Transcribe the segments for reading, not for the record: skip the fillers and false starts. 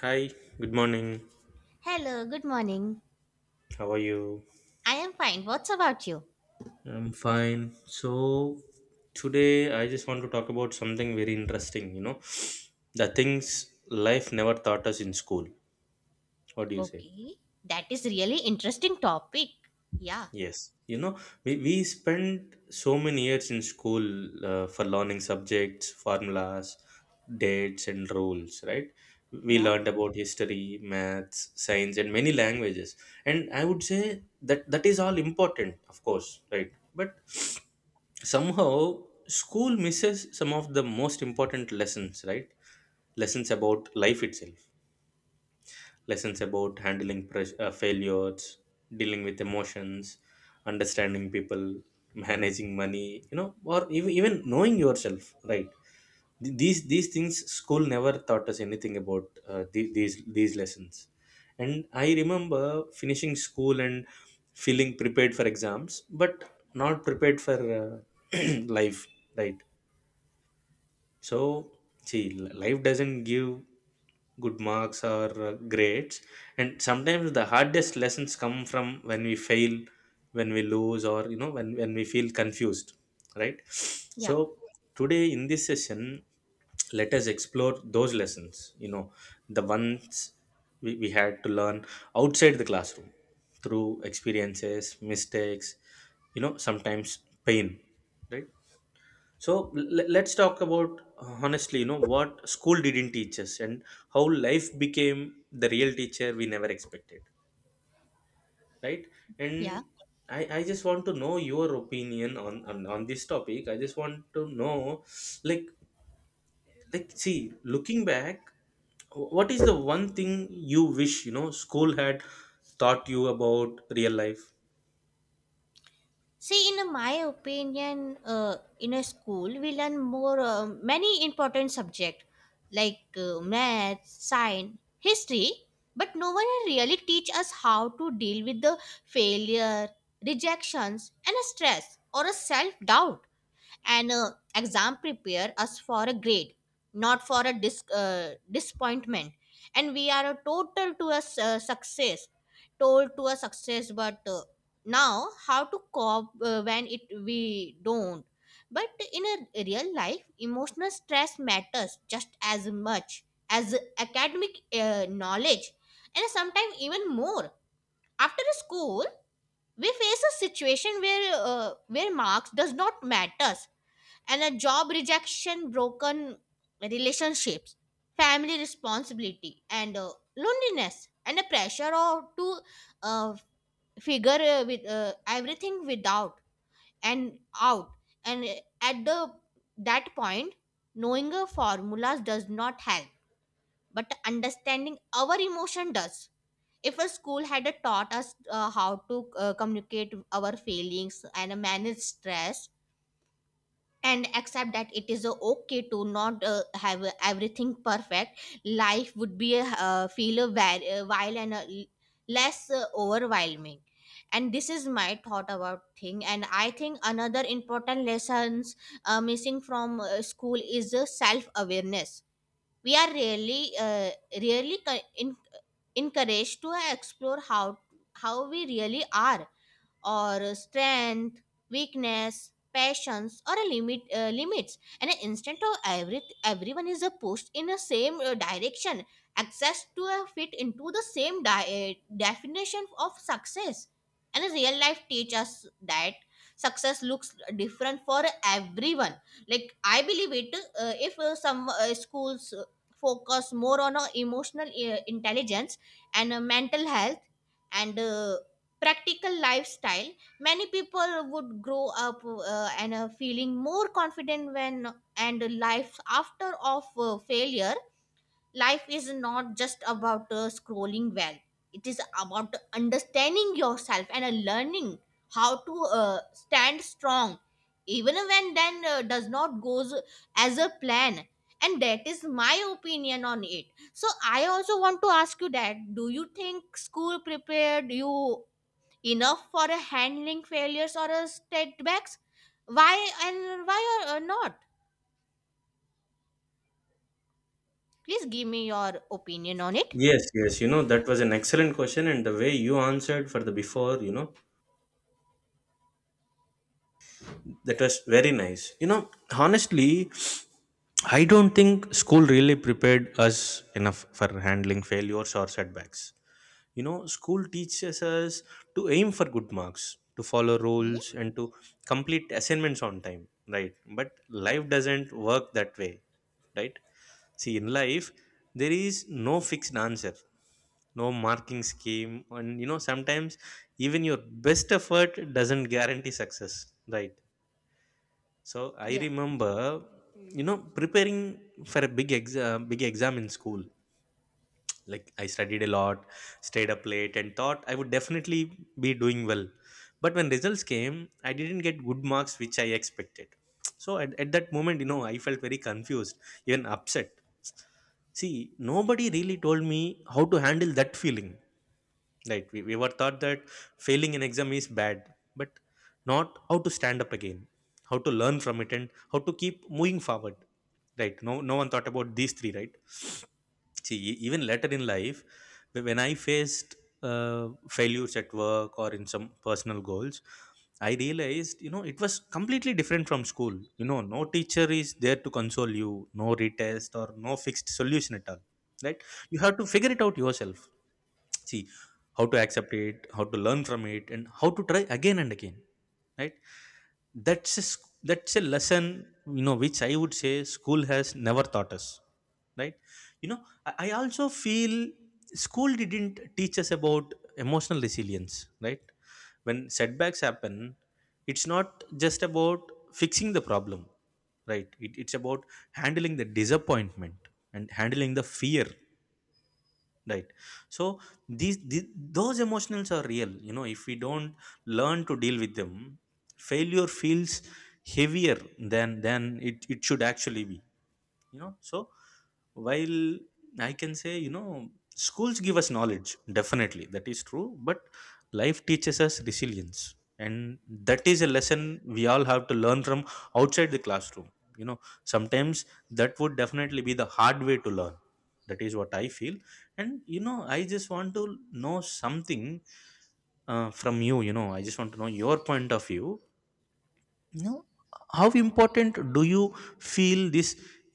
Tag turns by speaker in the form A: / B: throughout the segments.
A: Hi, good morning.
B: Hello, good morning.
A: How are you?
B: I am fine. What's about you?
A: I'm fine. So, today I just want to talk about something very interesting, the things life never taught us in school. What do you say?
B: Okay. That is really interesting topic. Yeah,
A: Yes. You know, we spent so many years in school for learning subjects, formulas, dates, and rules, right? We
B: Yeah.
A: learned about history, maths, science, and many languages. And I would say that that is all important, of course, right? But somehow school misses some of the most important lessons, right? Lessons about life itself, lessons about handling failures, dealing with emotions, understanding people, managing money, or even knowing yourself, right? These things school never taught us anything about, these lessons. And I remember finishing school and feeling prepared for exams but not prepared for life, right? So, see, life doesn't give good marks or grades, and sometimes the hardest lessons come from when we fail, when we lose, or when we feel confused, right?
B: Yeah.
A: So, today in this session, let us explore those lessons, you know, the ones we had to learn outside the classroom through experiences, mistakes, you know, sometimes pain, right? So let's talk about honestly, you know, what school didn't teach us and how life became the real teacher we never expected, right?
B: Yeah.
A: And I just want to know your opinion on, on this topic. I just want to know, like, like, see, looking back, what is the one thing you wish you know school had taught you about real life?
B: See, in my opinion, in a school we learn more many important subject like math, science, history, but no one really teach us how to deal with the failure, rejections, and a stress or a self doubt. And exam prepare us for a grade, not for a disappointment. And we are a total to a su- success told to a success, but now how to cope when it we don't. But in a real life emotional stress matters just as much as academic knowledge, and sometimes even more. After school we face a situation where marks does not matters, and a job rejection, broken relationships, family responsibility, and loneliness, and a pressure or to uh, figure with everything without and out. And at the that point, knowing a formulas does not help, but understanding our emotion does. If a school had taught us how to communicate our feelings and manage stress, and accept that it is okay to not have everything perfect, life would be a feel a while and less overwhelming. And this is my thought about thing. And I think another important lessons missing from school is self awareness. We are really really co- in- encouraged to explore how we really are, or strength, weakness, passions, or a limits. And an instant of everyone is a pushed in the same direction. Access to a fit into the same definition of success. And a real life teach us that success looks different for everyone. Like I believe it, if some schools focus more on emotional intelligence and mental health and practical lifestyle, many people would grow up and feeling more confident when and life after of failure. Life is not just about scrolling well, it is about understanding yourself and learning how to uh, stand strong even when then does not goes as a plan. And that is my opinion on it. So I also want to ask you that, do you think school prepared you enough for a handling failures or a setbacks, why and why or not? Please give me your opinion on it.
A: Yes, yes, you know, that was an excellent question, and the way you answered for the before, you know, that was very nice. You know, honestly, I don't think school really prepared us enough for handling failures or setbacks. You know, school teaches us to aim for good marks, to follow
B: Okay.
A: rules, and to complete assignments on time, right? But life doesn't work that way, right? See, in life, there is no fixed answer, no marking scheme, and you know, sometimes even your best effort doesn't guarantee success, right? So I
B: Yeah.
A: remember, you know, preparing for a big exam in school. Like I studied a lot, stayed up late, and thought I would definitely be doing well. But when results came, I didn't get good marks which I expected. So at that moment, you know, I felt very confused, even upset. See, nobody really told me how to handle that feeling. Right. We were taught that failing an exam is bad, but not how to stand up again, how to learn from it, and how to keep moving forward. Right. No, no one thought about these three, right? See, even later in life, when I faced failures at work or in some personal goals, I realized, you know, it was completely different from school. You know, no teacher is there to console you, no retest or no fixed solution at all. Right? You have to figure it out yourself. See, how to accept it, how to learn from it, and how to try again and again, right? That's a lesson, you know, which I would say school has never taught us, right? You know, I also feel school didn't teach us about emotional resilience, right? When setbacks happen, it's not just about fixing the problem, right? It's about handling the disappointment and handling the fear, right? So these, the those emotionals are real, you know, if we don't learn to deal with them, failure feels heavier than it should actually be, you know. So while I can say, you know, schools give us knowledge, definitely that is true, but life teaches us resilience, and that is a lesson we all have to learn from outside the classroom, you know, sometimes. That would definitely be the hard way to learn. That is what I feel. And you know, I just want to know something, from you. You know, I just want to know your point of view. You know, how important do you feel this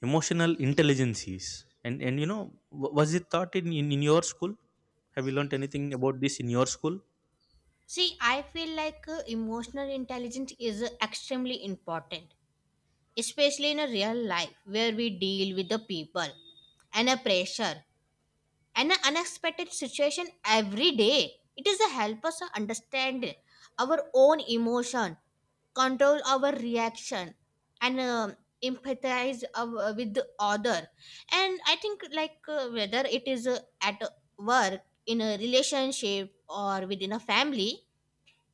A: emotional intelligence is? And you know, was it taught in, in your school? Have you learnt anything about this in your school?
B: See, I feel like emotional intelligence is extremely important, especially in a real life where we deal with the people and a pressure, an unexpected situation every day. It is a help us to understand our own emotion, control our reaction, and empathize our, with the other. And I think like whether it is at work, in a relationship, or within a family,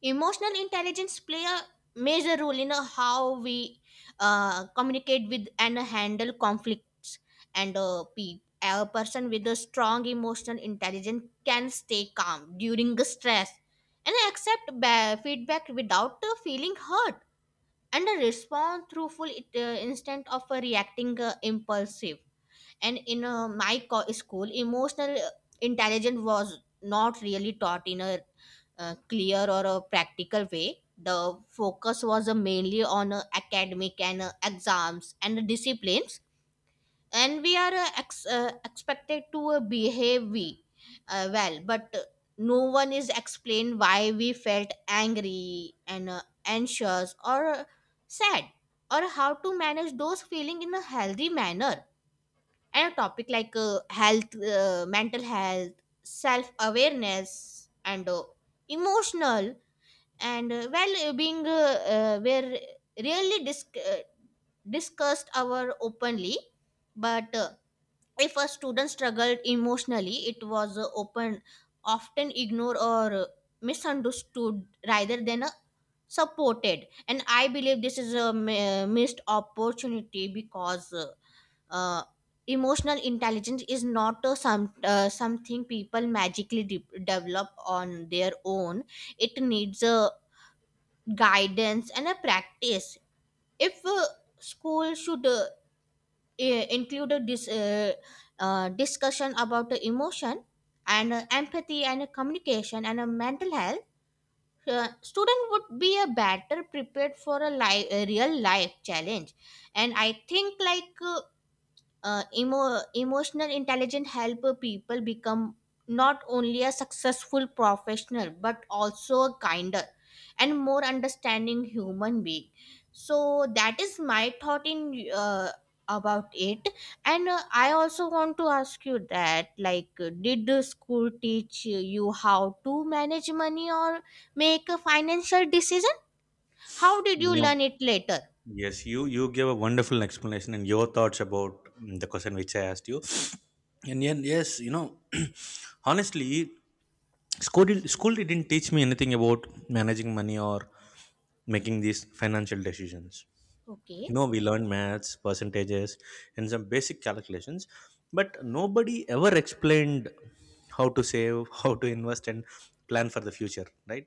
B: emotional intelligence play a major role in how we communicate with and handle conflicts. And a person with a strong emotional intelligence can stay calm during the stress, and accept feedback without feeling hurt, and respond truthful it, instead of reacting impulsive. And in school, emotional intelligence was not really taught in a clear or a practical way. The focus was mainly on academic and exams and disciplines, and we are expected to behave we, well, but no one is explained why we felt angry and anxious or sad, or how to manage those feelings in a healthy manner. And a topic like health, mental health, self awareness, and emotional and well being were really discussed our openly, but if a student struggled emotionally it was open often ignored or misunderstood rather than supported. And I believe this is a missed opportunity because uh, emotional intelligence is not something people magically develop on their own. It needs a guidance and a practice. If school should include a discussion about the emotion and empathy and communication and mental health, student would be a better prepared for a a real life challenge. And I think like emotional intelligence help people become not only a successful professional but also a kinder and more understanding human being. So that is my thought in about it. And I also want to ask you that, like, did the school teach you how to manage money or make a financial decision? How did you learn
A: No.
B: it later?
A: Yes, you gave a wonderful explanation and your thoughts about the question which I asked you and then yes you know honestly school didn't teach me anything about managing money or making these financial decisions. You
B: Okay.
A: know, we learn maths percentages and some basic calculations, but nobody ever explained how to save how to invest and plan for the future, right?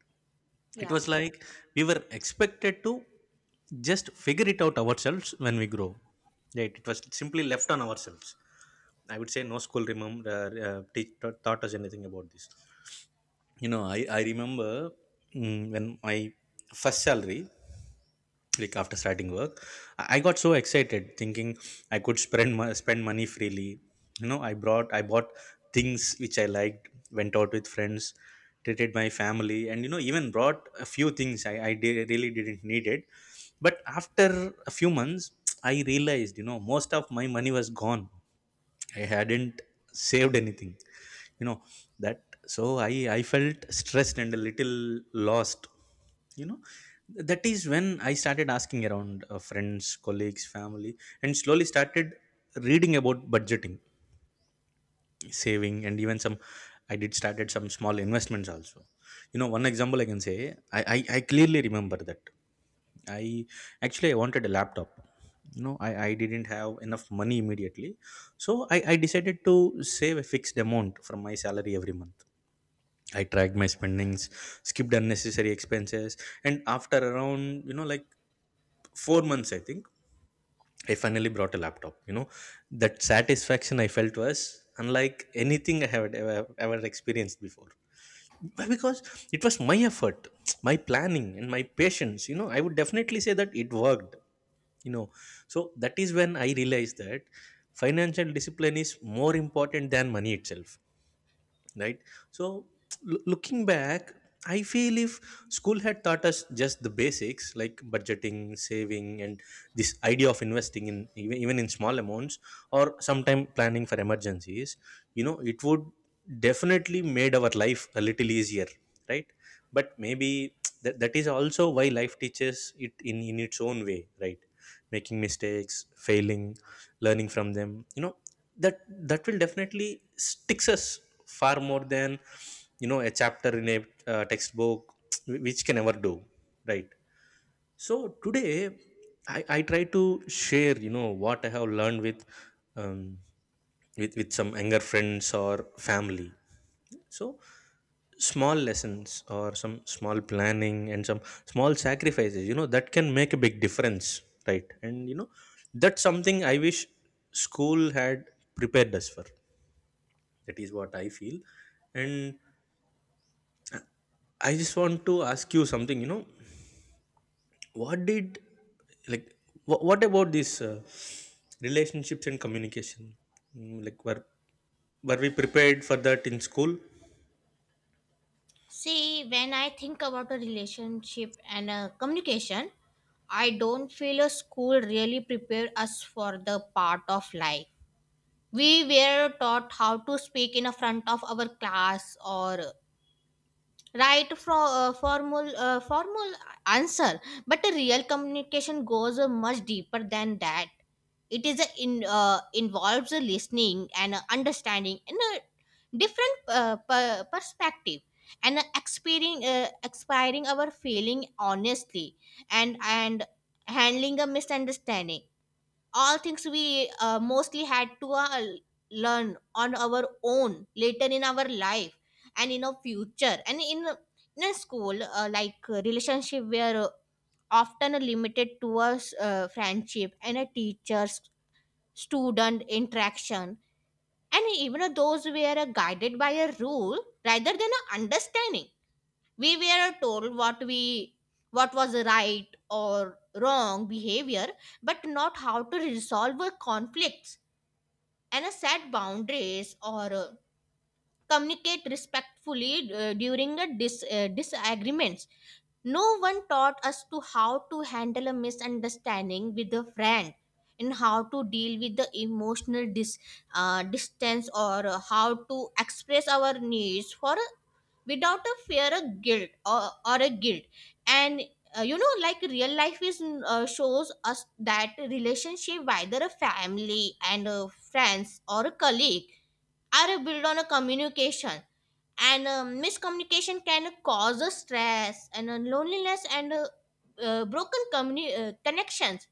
A: It
B: Yeah.
A: was like we were expected to just figure it out ourselves when we grow, right? It was simply left on ourselves. I would say no school, remember, teach, taught taught us anything about this. You know, I remember, when my first salary, like after starting work, I got so excited thinking I could spend money freely. You know, I bought things which I liked, went out with friends, treated my family, and you know, even brought a few things I really didn't need it. But after a few months I realized, you know, most of my money was gone. I hadn't saved anything, you know, that. So I felt stressed and a little lost. You know, that is when I started asking around, friends, colleagues, family, and slowly started reading about budgeting, saving, and even some. I did started some small investments also. You know, one example I can say, I clearly remember that, I actually I wanted a laptop. You know, I didn't have enough money immediately, so I decided to save a fixed amount from my salary every month. I tracked my spendings, skipped unnecessary expenses, and after around, you know, like 4 months, I think, I finally brought a laptop. You know, that satisfaction I felt was unlike anything I had ever experienced before. Why? Because it was my effort, my planning, and my patience. You know, I would definitely say that it worked. You know, so that is when I realized that financial discipline is more important than money itself, right? So looking back, I feel if school had taught us just the basics like budgeting, saving, and this idea of investing in even in small amounts, or sometime planning for emergencies, you know, it would definitely made our life a little easier, right? But maybe that is also why life teaches it in its own way, right? Making mistakes, failing, learning from them, you know, that. That will definitely sticks us far more than, you know, a chapter in a textbook which can never do, right? So today I try to share, you know, what I have learned with um, with some younger friends or family. So small lessons or some small planning and some small sacrifices, you know, that can make a big difference, right? And you know, that's something I wish school had prepared us for. That is what I feel. And I just want to ask you something, you know. What did, like, what about this relationships and communication? Mm, like were we prepared for that in school?
B: See, when I think about a relationship and a communication, I don't feel a school really prepared us for the part of life. We were taught how to speak in a front of our class or right from formal answer, but a real communication goes much deeper than that. It is a in involves a listening and a understanding and a different perspective, and a expiring our feeling honestly, and handling a misunderstanding. All things we mostly had to learn on our own later in our life. And in a future and in in a school, like relationship were often limited to a friendship and a teacher's student interaction, and even those were guided by a rule rather than a understanding. We were told what we what was right or wrong behavior, but not how to resolve a conflicts and a set boundaries, or communicate respectfully during a disagreements. No one taught us to how to handle a misunderstanding with a friend, and how to deal with the emotional distance, or how to express our needs for without a fear of guilt or a guilt. And like real life is shows us that relationship, whether a family and a friends or a colleague, are built on a communication. And miscommunication can cause a stress and a loneliness and broken connections.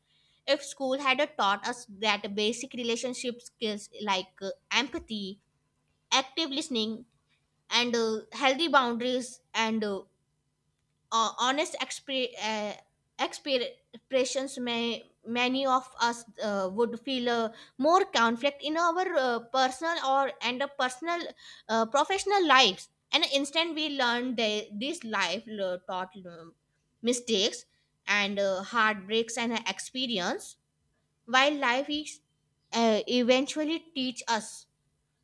B: If school had taught us that basic relationship skills like empathy, active listening, and healthy boundaries, and honest exper- expressions, may many of us would feel more conflict in our personal or and a personal professional lives. And instant we learn these life taught mistakes, and heartbreaks, and experience. While life is eventually teach us,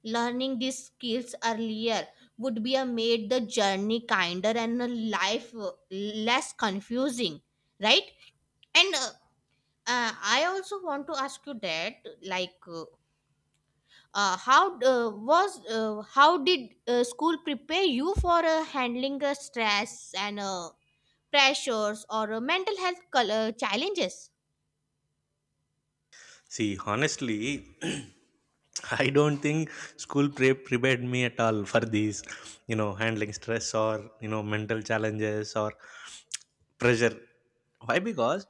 B: learning these skills earlier would be a made the journey kinder and the life less confusing, right? And I also want to ask you that, like, how was how did school prepare you for handling stress and pressures, or mental health challenges?
A: See honestly I don't think prepared me at all for these, you know, handling stress or you know mental challenges or pressure. Why? Because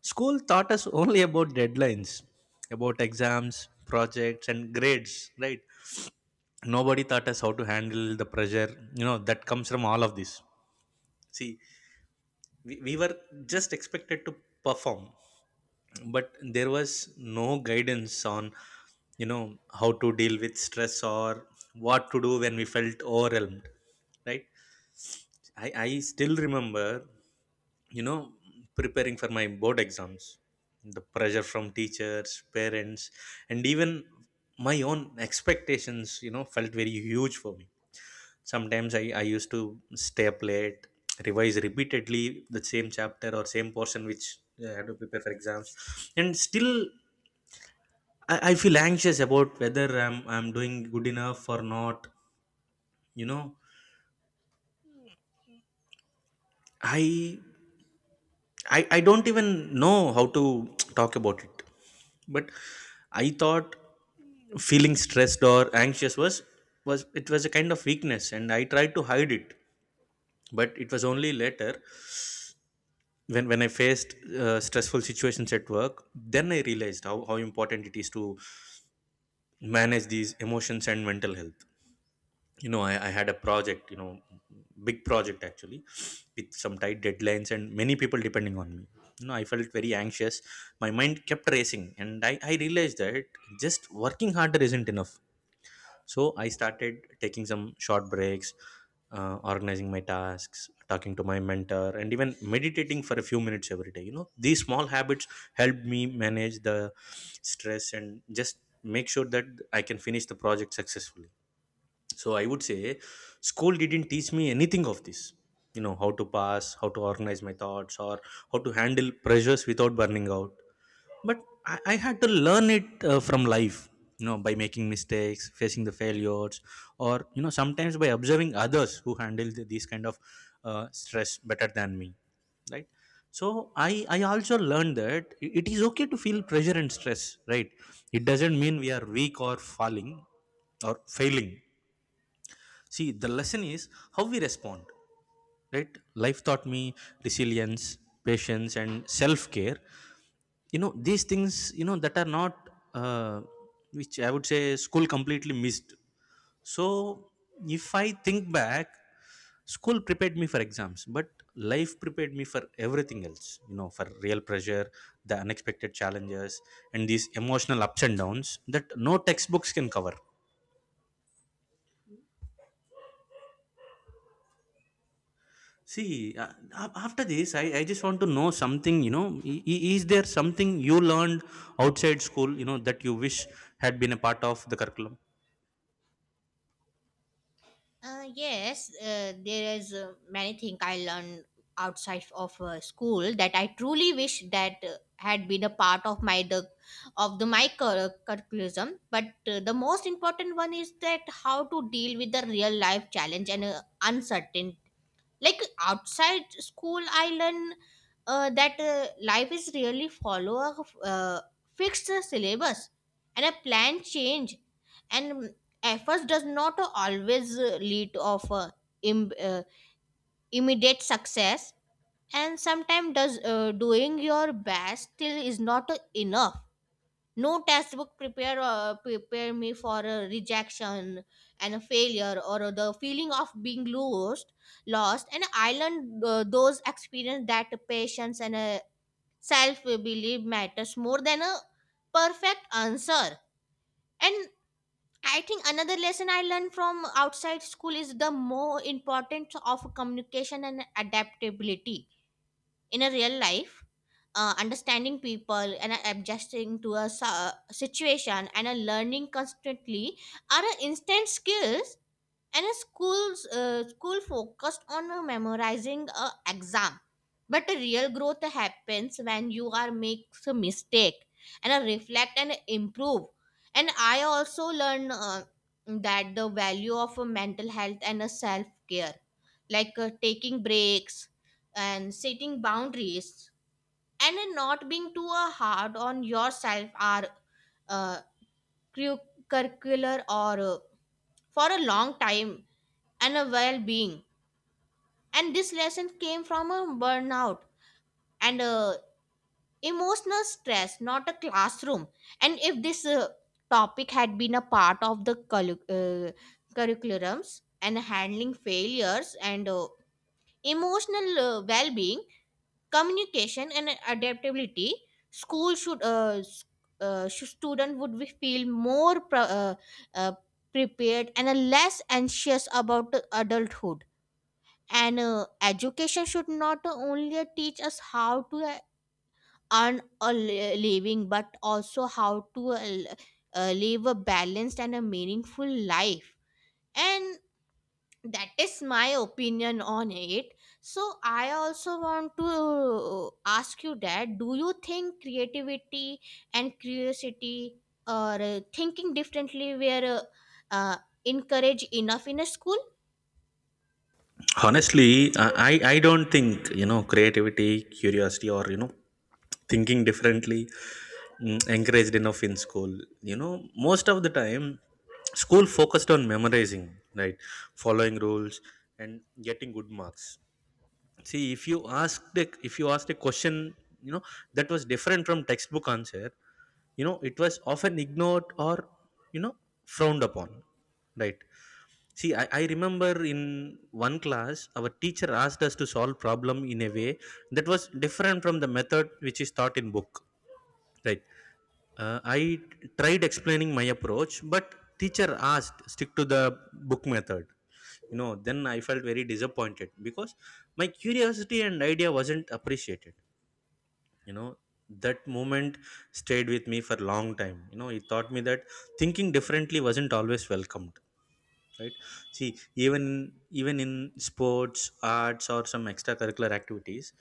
A: school taught us only about deadlines, about exams, projects, and grades, right? Nobody taught us how to handle the pressure, you know, that comes from all of this. See, we were just expected to perform, but there was no guidance on, you know, how to deal with stress or what to do when we felt overwhelmed, right? I still remember you know preparing for my board exams. The pressure from teachers, parents, and even my own expectations, felt very huge for me. Sometimes I used to stay up late, revise repeatedly the same chapter or same portion which I had to prepare for exams. And still I feel anxious about whether I'm doing good enough or not. You know i i, I don't even know how to talk about it. But I thought feeling stressed or anxious was it was a kind of weakness, and I tried to hide it. But it was only later, when I faced stressful situations at work, then I realized how important it is to manage these emotions and mental health. I had a project, big project actually, with some tight deadlines and many people depending on me. You know, I felt very anxious. My mind kept racing, and I realized that just working harder isn't enough. So I started taking some short breaks, organizing my tasks, talking to my mentor, and even meditating for a few minutes every day. You know, these small habits helped me manage the stress and just make sure that I can finish the project successfully. So I would say school didn't teach me anything of this. You know, how to pass, how to organize my thoughts, or how to handle pressures without burning out. But I had to learn it from life, you know, by making mistakes, facing the failures, or you know, sometimes by observing others who handle these kind of stress better than me, right? So I also learned that it is okay to feel pressure and stress, right? It doesn't mean we are weak or falling or failing. See, the lesson is how we respond, right? Life taught me resilience, patience, and self care. You know, these things that are not uh, which I would say school completely missed. So if I think back, school prepared me for exams, but life prepared me for everything else. You know, for real pressure, the unexpected challenges, and these emotional ups and downs that no textbooks can cover. See, after this, I just want to know something, you know, is there something you learned outside school, you know, that you wish had been a part of the curriculum?
B: Yes, there is many things I learned outside of school that I truly wish that had been a part of my the of the my cur- curriculum. But the most important one is that how to deal with the real life challenge and uncertain. Like, outside school I learn that life is really follow a uh, fixed syllabus, and a plan change, and efforts does not always lead of im- uh, immediate success, and sometimes does doing your best still is not enough. No textbook prepare me for a rejection and a failure, or the feeling of being lost. And I learned those experience that patience and self belief matters more than a perfect answer. And I think another lesson I learned from outside school is the more importance of communication and adaptability in a real life, understanding people and adjusting to a situation and a learning constantly are a instant skills. And a school focused on memorizing a exam, but a real growth happens when you are makes a mistake and reflect and improve. And I also learn that the value of a mental health and a self care, like taking breaks and setting boundaries, and not being too hard on yourself are uh, curricular or for a long time and a well-being. And this lesson came from a burnout and emotional stress, not a classroom. And if this topic had been a part of the curriculums and handling failures and emotional well-being, communication and adaptability, school should student would be feel more uh, prepared and less anxious about adulthood. And education should not only teach us how to earn a living, but also how to live a balanced and a meaningful life. And that is my opinion on it. So I also want to ask you, that do you think creativity and curiosity or thinking differently were uh, uh, encouraged enough in a school?
A: Honestly, I don't think, you know, creativity, curiosity, or you know, thinking differently, encouraged enough in school. You know, most of the time school focused on memorizing, right, following rules, and getting good marks. See, if you asked a question, you know, that was different from textbook answer, you know, it was often ignored or, you know, frowned upon, right? See, I remember in one class, our teacher asked us to solve problem in a way that was different from the method which is taught in book. Right? I tried explaining my approach, but teacher asked stick to the book method. You know, then I felt very disappointed because my curiosity and idea wasn't appreciated. You know, that moment stayed with me for a long time. You know, it taught me that thinking differently wasn't always welcomed, right? See, even even in sports, arts, or some extracurricular activities,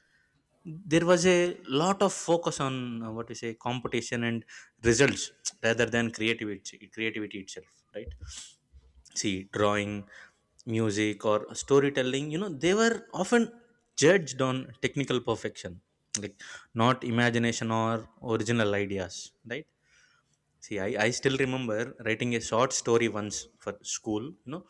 A: there was a lot of focus on what we say competition and results, rather than creativity itself, right? See, drawing, music, or storytelling, you know, they were often judged on technical perfection, like, not imagination or original ideas, right? See, I still remember writing a short story once for school, you know,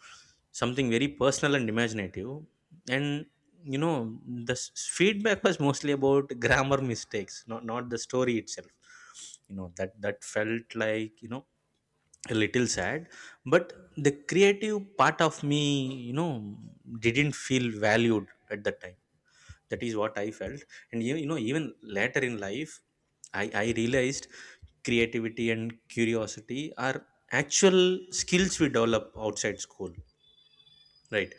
A: something very personal and imaginative. And, you know, the feedback was mostly about grammar mistakes, not the story itself. You know, that felt like, you know, a little sad. But the creative part of me, you know, didn't feel valued at that time. That is what I felt. And you know, even later in life, I realized creativity and curiosity are actual skills we develop outside school, right?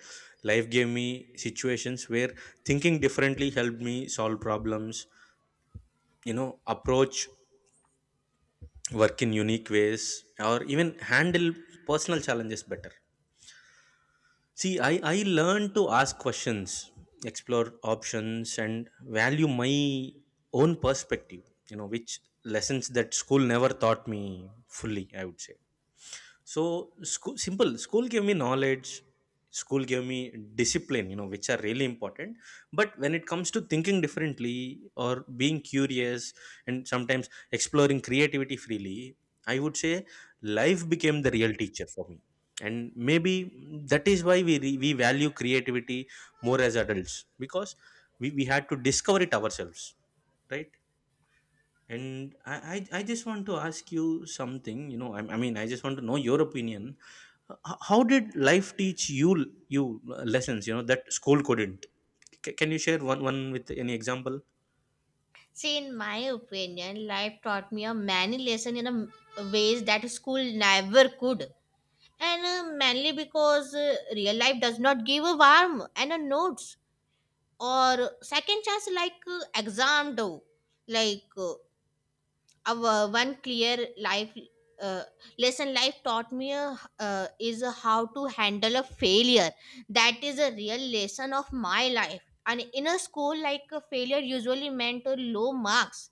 A: Life gave me situations where thinking differently helped me solve problems, you know, approach work in unique ways, or even handle personal challenges better. See, I learned to ask questions, explore options, and value my own perspective, you know, which lessons that school never taught me fully, I would say. So school, simple school gave me knowledge. School gave me discipline, you know, which are really important. But when it comes to thinking differently or being curious and sometimes exploring creativity freely, I would say life became the real teacher for me. And maybe that is why we value creativity more as adults because we had to discover it ourselves, right? And I just want to ask you something. You know, I mean, I just want to know your opinion. How did life teach you lessons? You know, that school couldn't. Can you share one with any example?
B: See, in my opinion, life taught me a many lesson in a ways that school never could, and mainly because real life does not give a warm and a notes or second chance like exam do, like uh, our one clear life uh, lesson. Life taught me is how to handle a failure. That is a real lesson of my life. And in a school, like a failure usually meant low marks,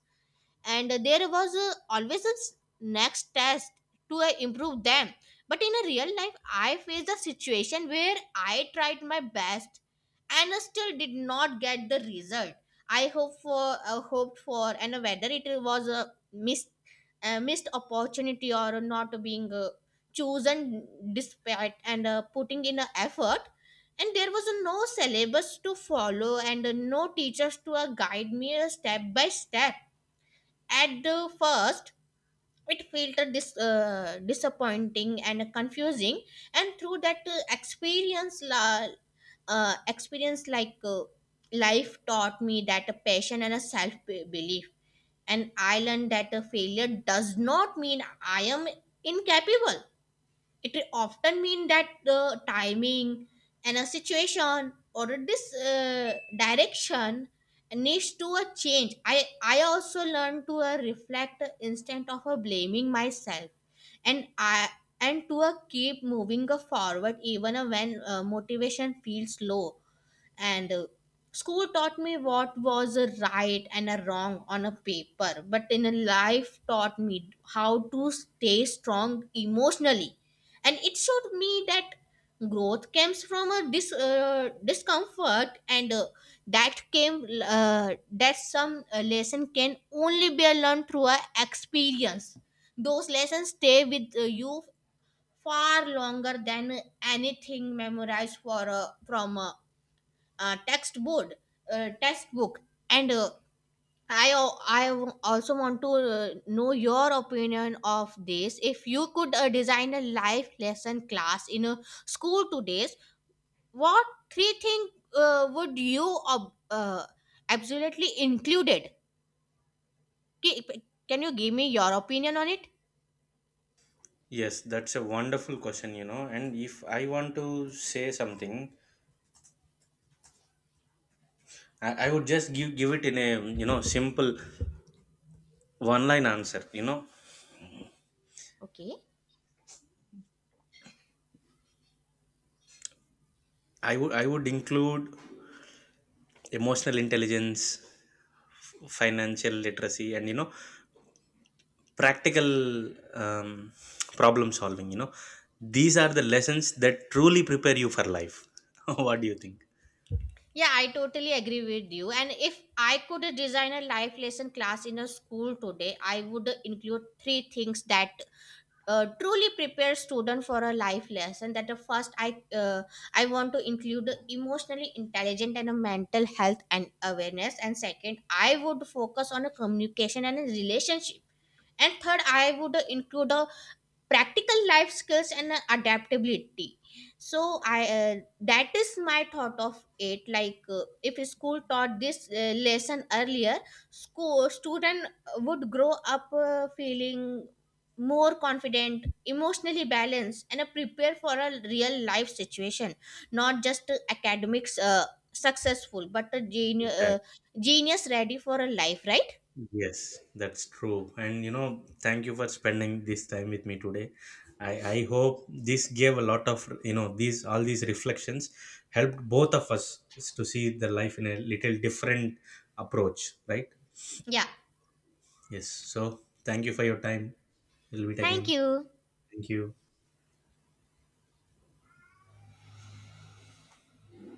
B: and there was always a next test to improve them. But in a real life, I faced a situation where I tried my best and still did not get the result I hoped for, and whether it was a missed opportunity or not being chosen despite and putting in an effort. And there was no syllabus to follow and no teachers to guide me step by step. At the first, it felt a disappointing and confusing, and through that experience, experience, life taught me that a passion and a self belief, and I learned that a failure does not mean I am incapable. It often mean that the timing and a situation or this direction needs to a change. I also learn to reflect instead of blaming myself, and I and to keep moving forward even when motivation feels low. And school taught me what was a right and a wrong on a paper, but in a life taught me how to stay strong emotionally. And it showed me that growth comes from a discomfort, and that came that some lesson can only be learned through a experience. Those lessons stay with you far longer than anything memorized for from text board, textbook. And uh, I al- I w- also want to know your opinion of this. If you could design a life lesson class in a school today, what three things would you absolutely included? Ki- Can you give me your opinion on it?
A: Yes, that's a wonderful question. You know, and if I want to say something, I would just give it in a, you know, simple one line answer. You know,
B: Okay.
A: I would include emotional intelligence, financial literacy, and you know, practical um, problem solving. You know, these are the lessons that truly prepare you for life. What do you think?
B: Yeah, I totally agree with you. And if I could design a life lesson class in a school today, I would include three things that truly prepare student for a life lesson. That the first, I want to include emotionally intelligent and a mental health and awareness. And second, I would focus on a communication and a relationship. And third, I would include a practical life skills and adaptability. So I that is my thought of it. Like if a school taught this lesson earlier, school student would grow up feeling more confident, emotionally balanced, and prepare for a real life situation, not just academics successful, but a
A: Exactly.
B: genius ready for a life, right?
A: Yes, that's true. And you know, thank you for spending this time with me today. I hope this gave a lot of, you know, these all these reflections helped both of us to see the life in a little different approach, right?
B: Yeah,
A: Yes. So thank you for your time. We'll meet
B: thank
A: again.
B: you.
A: Thank you.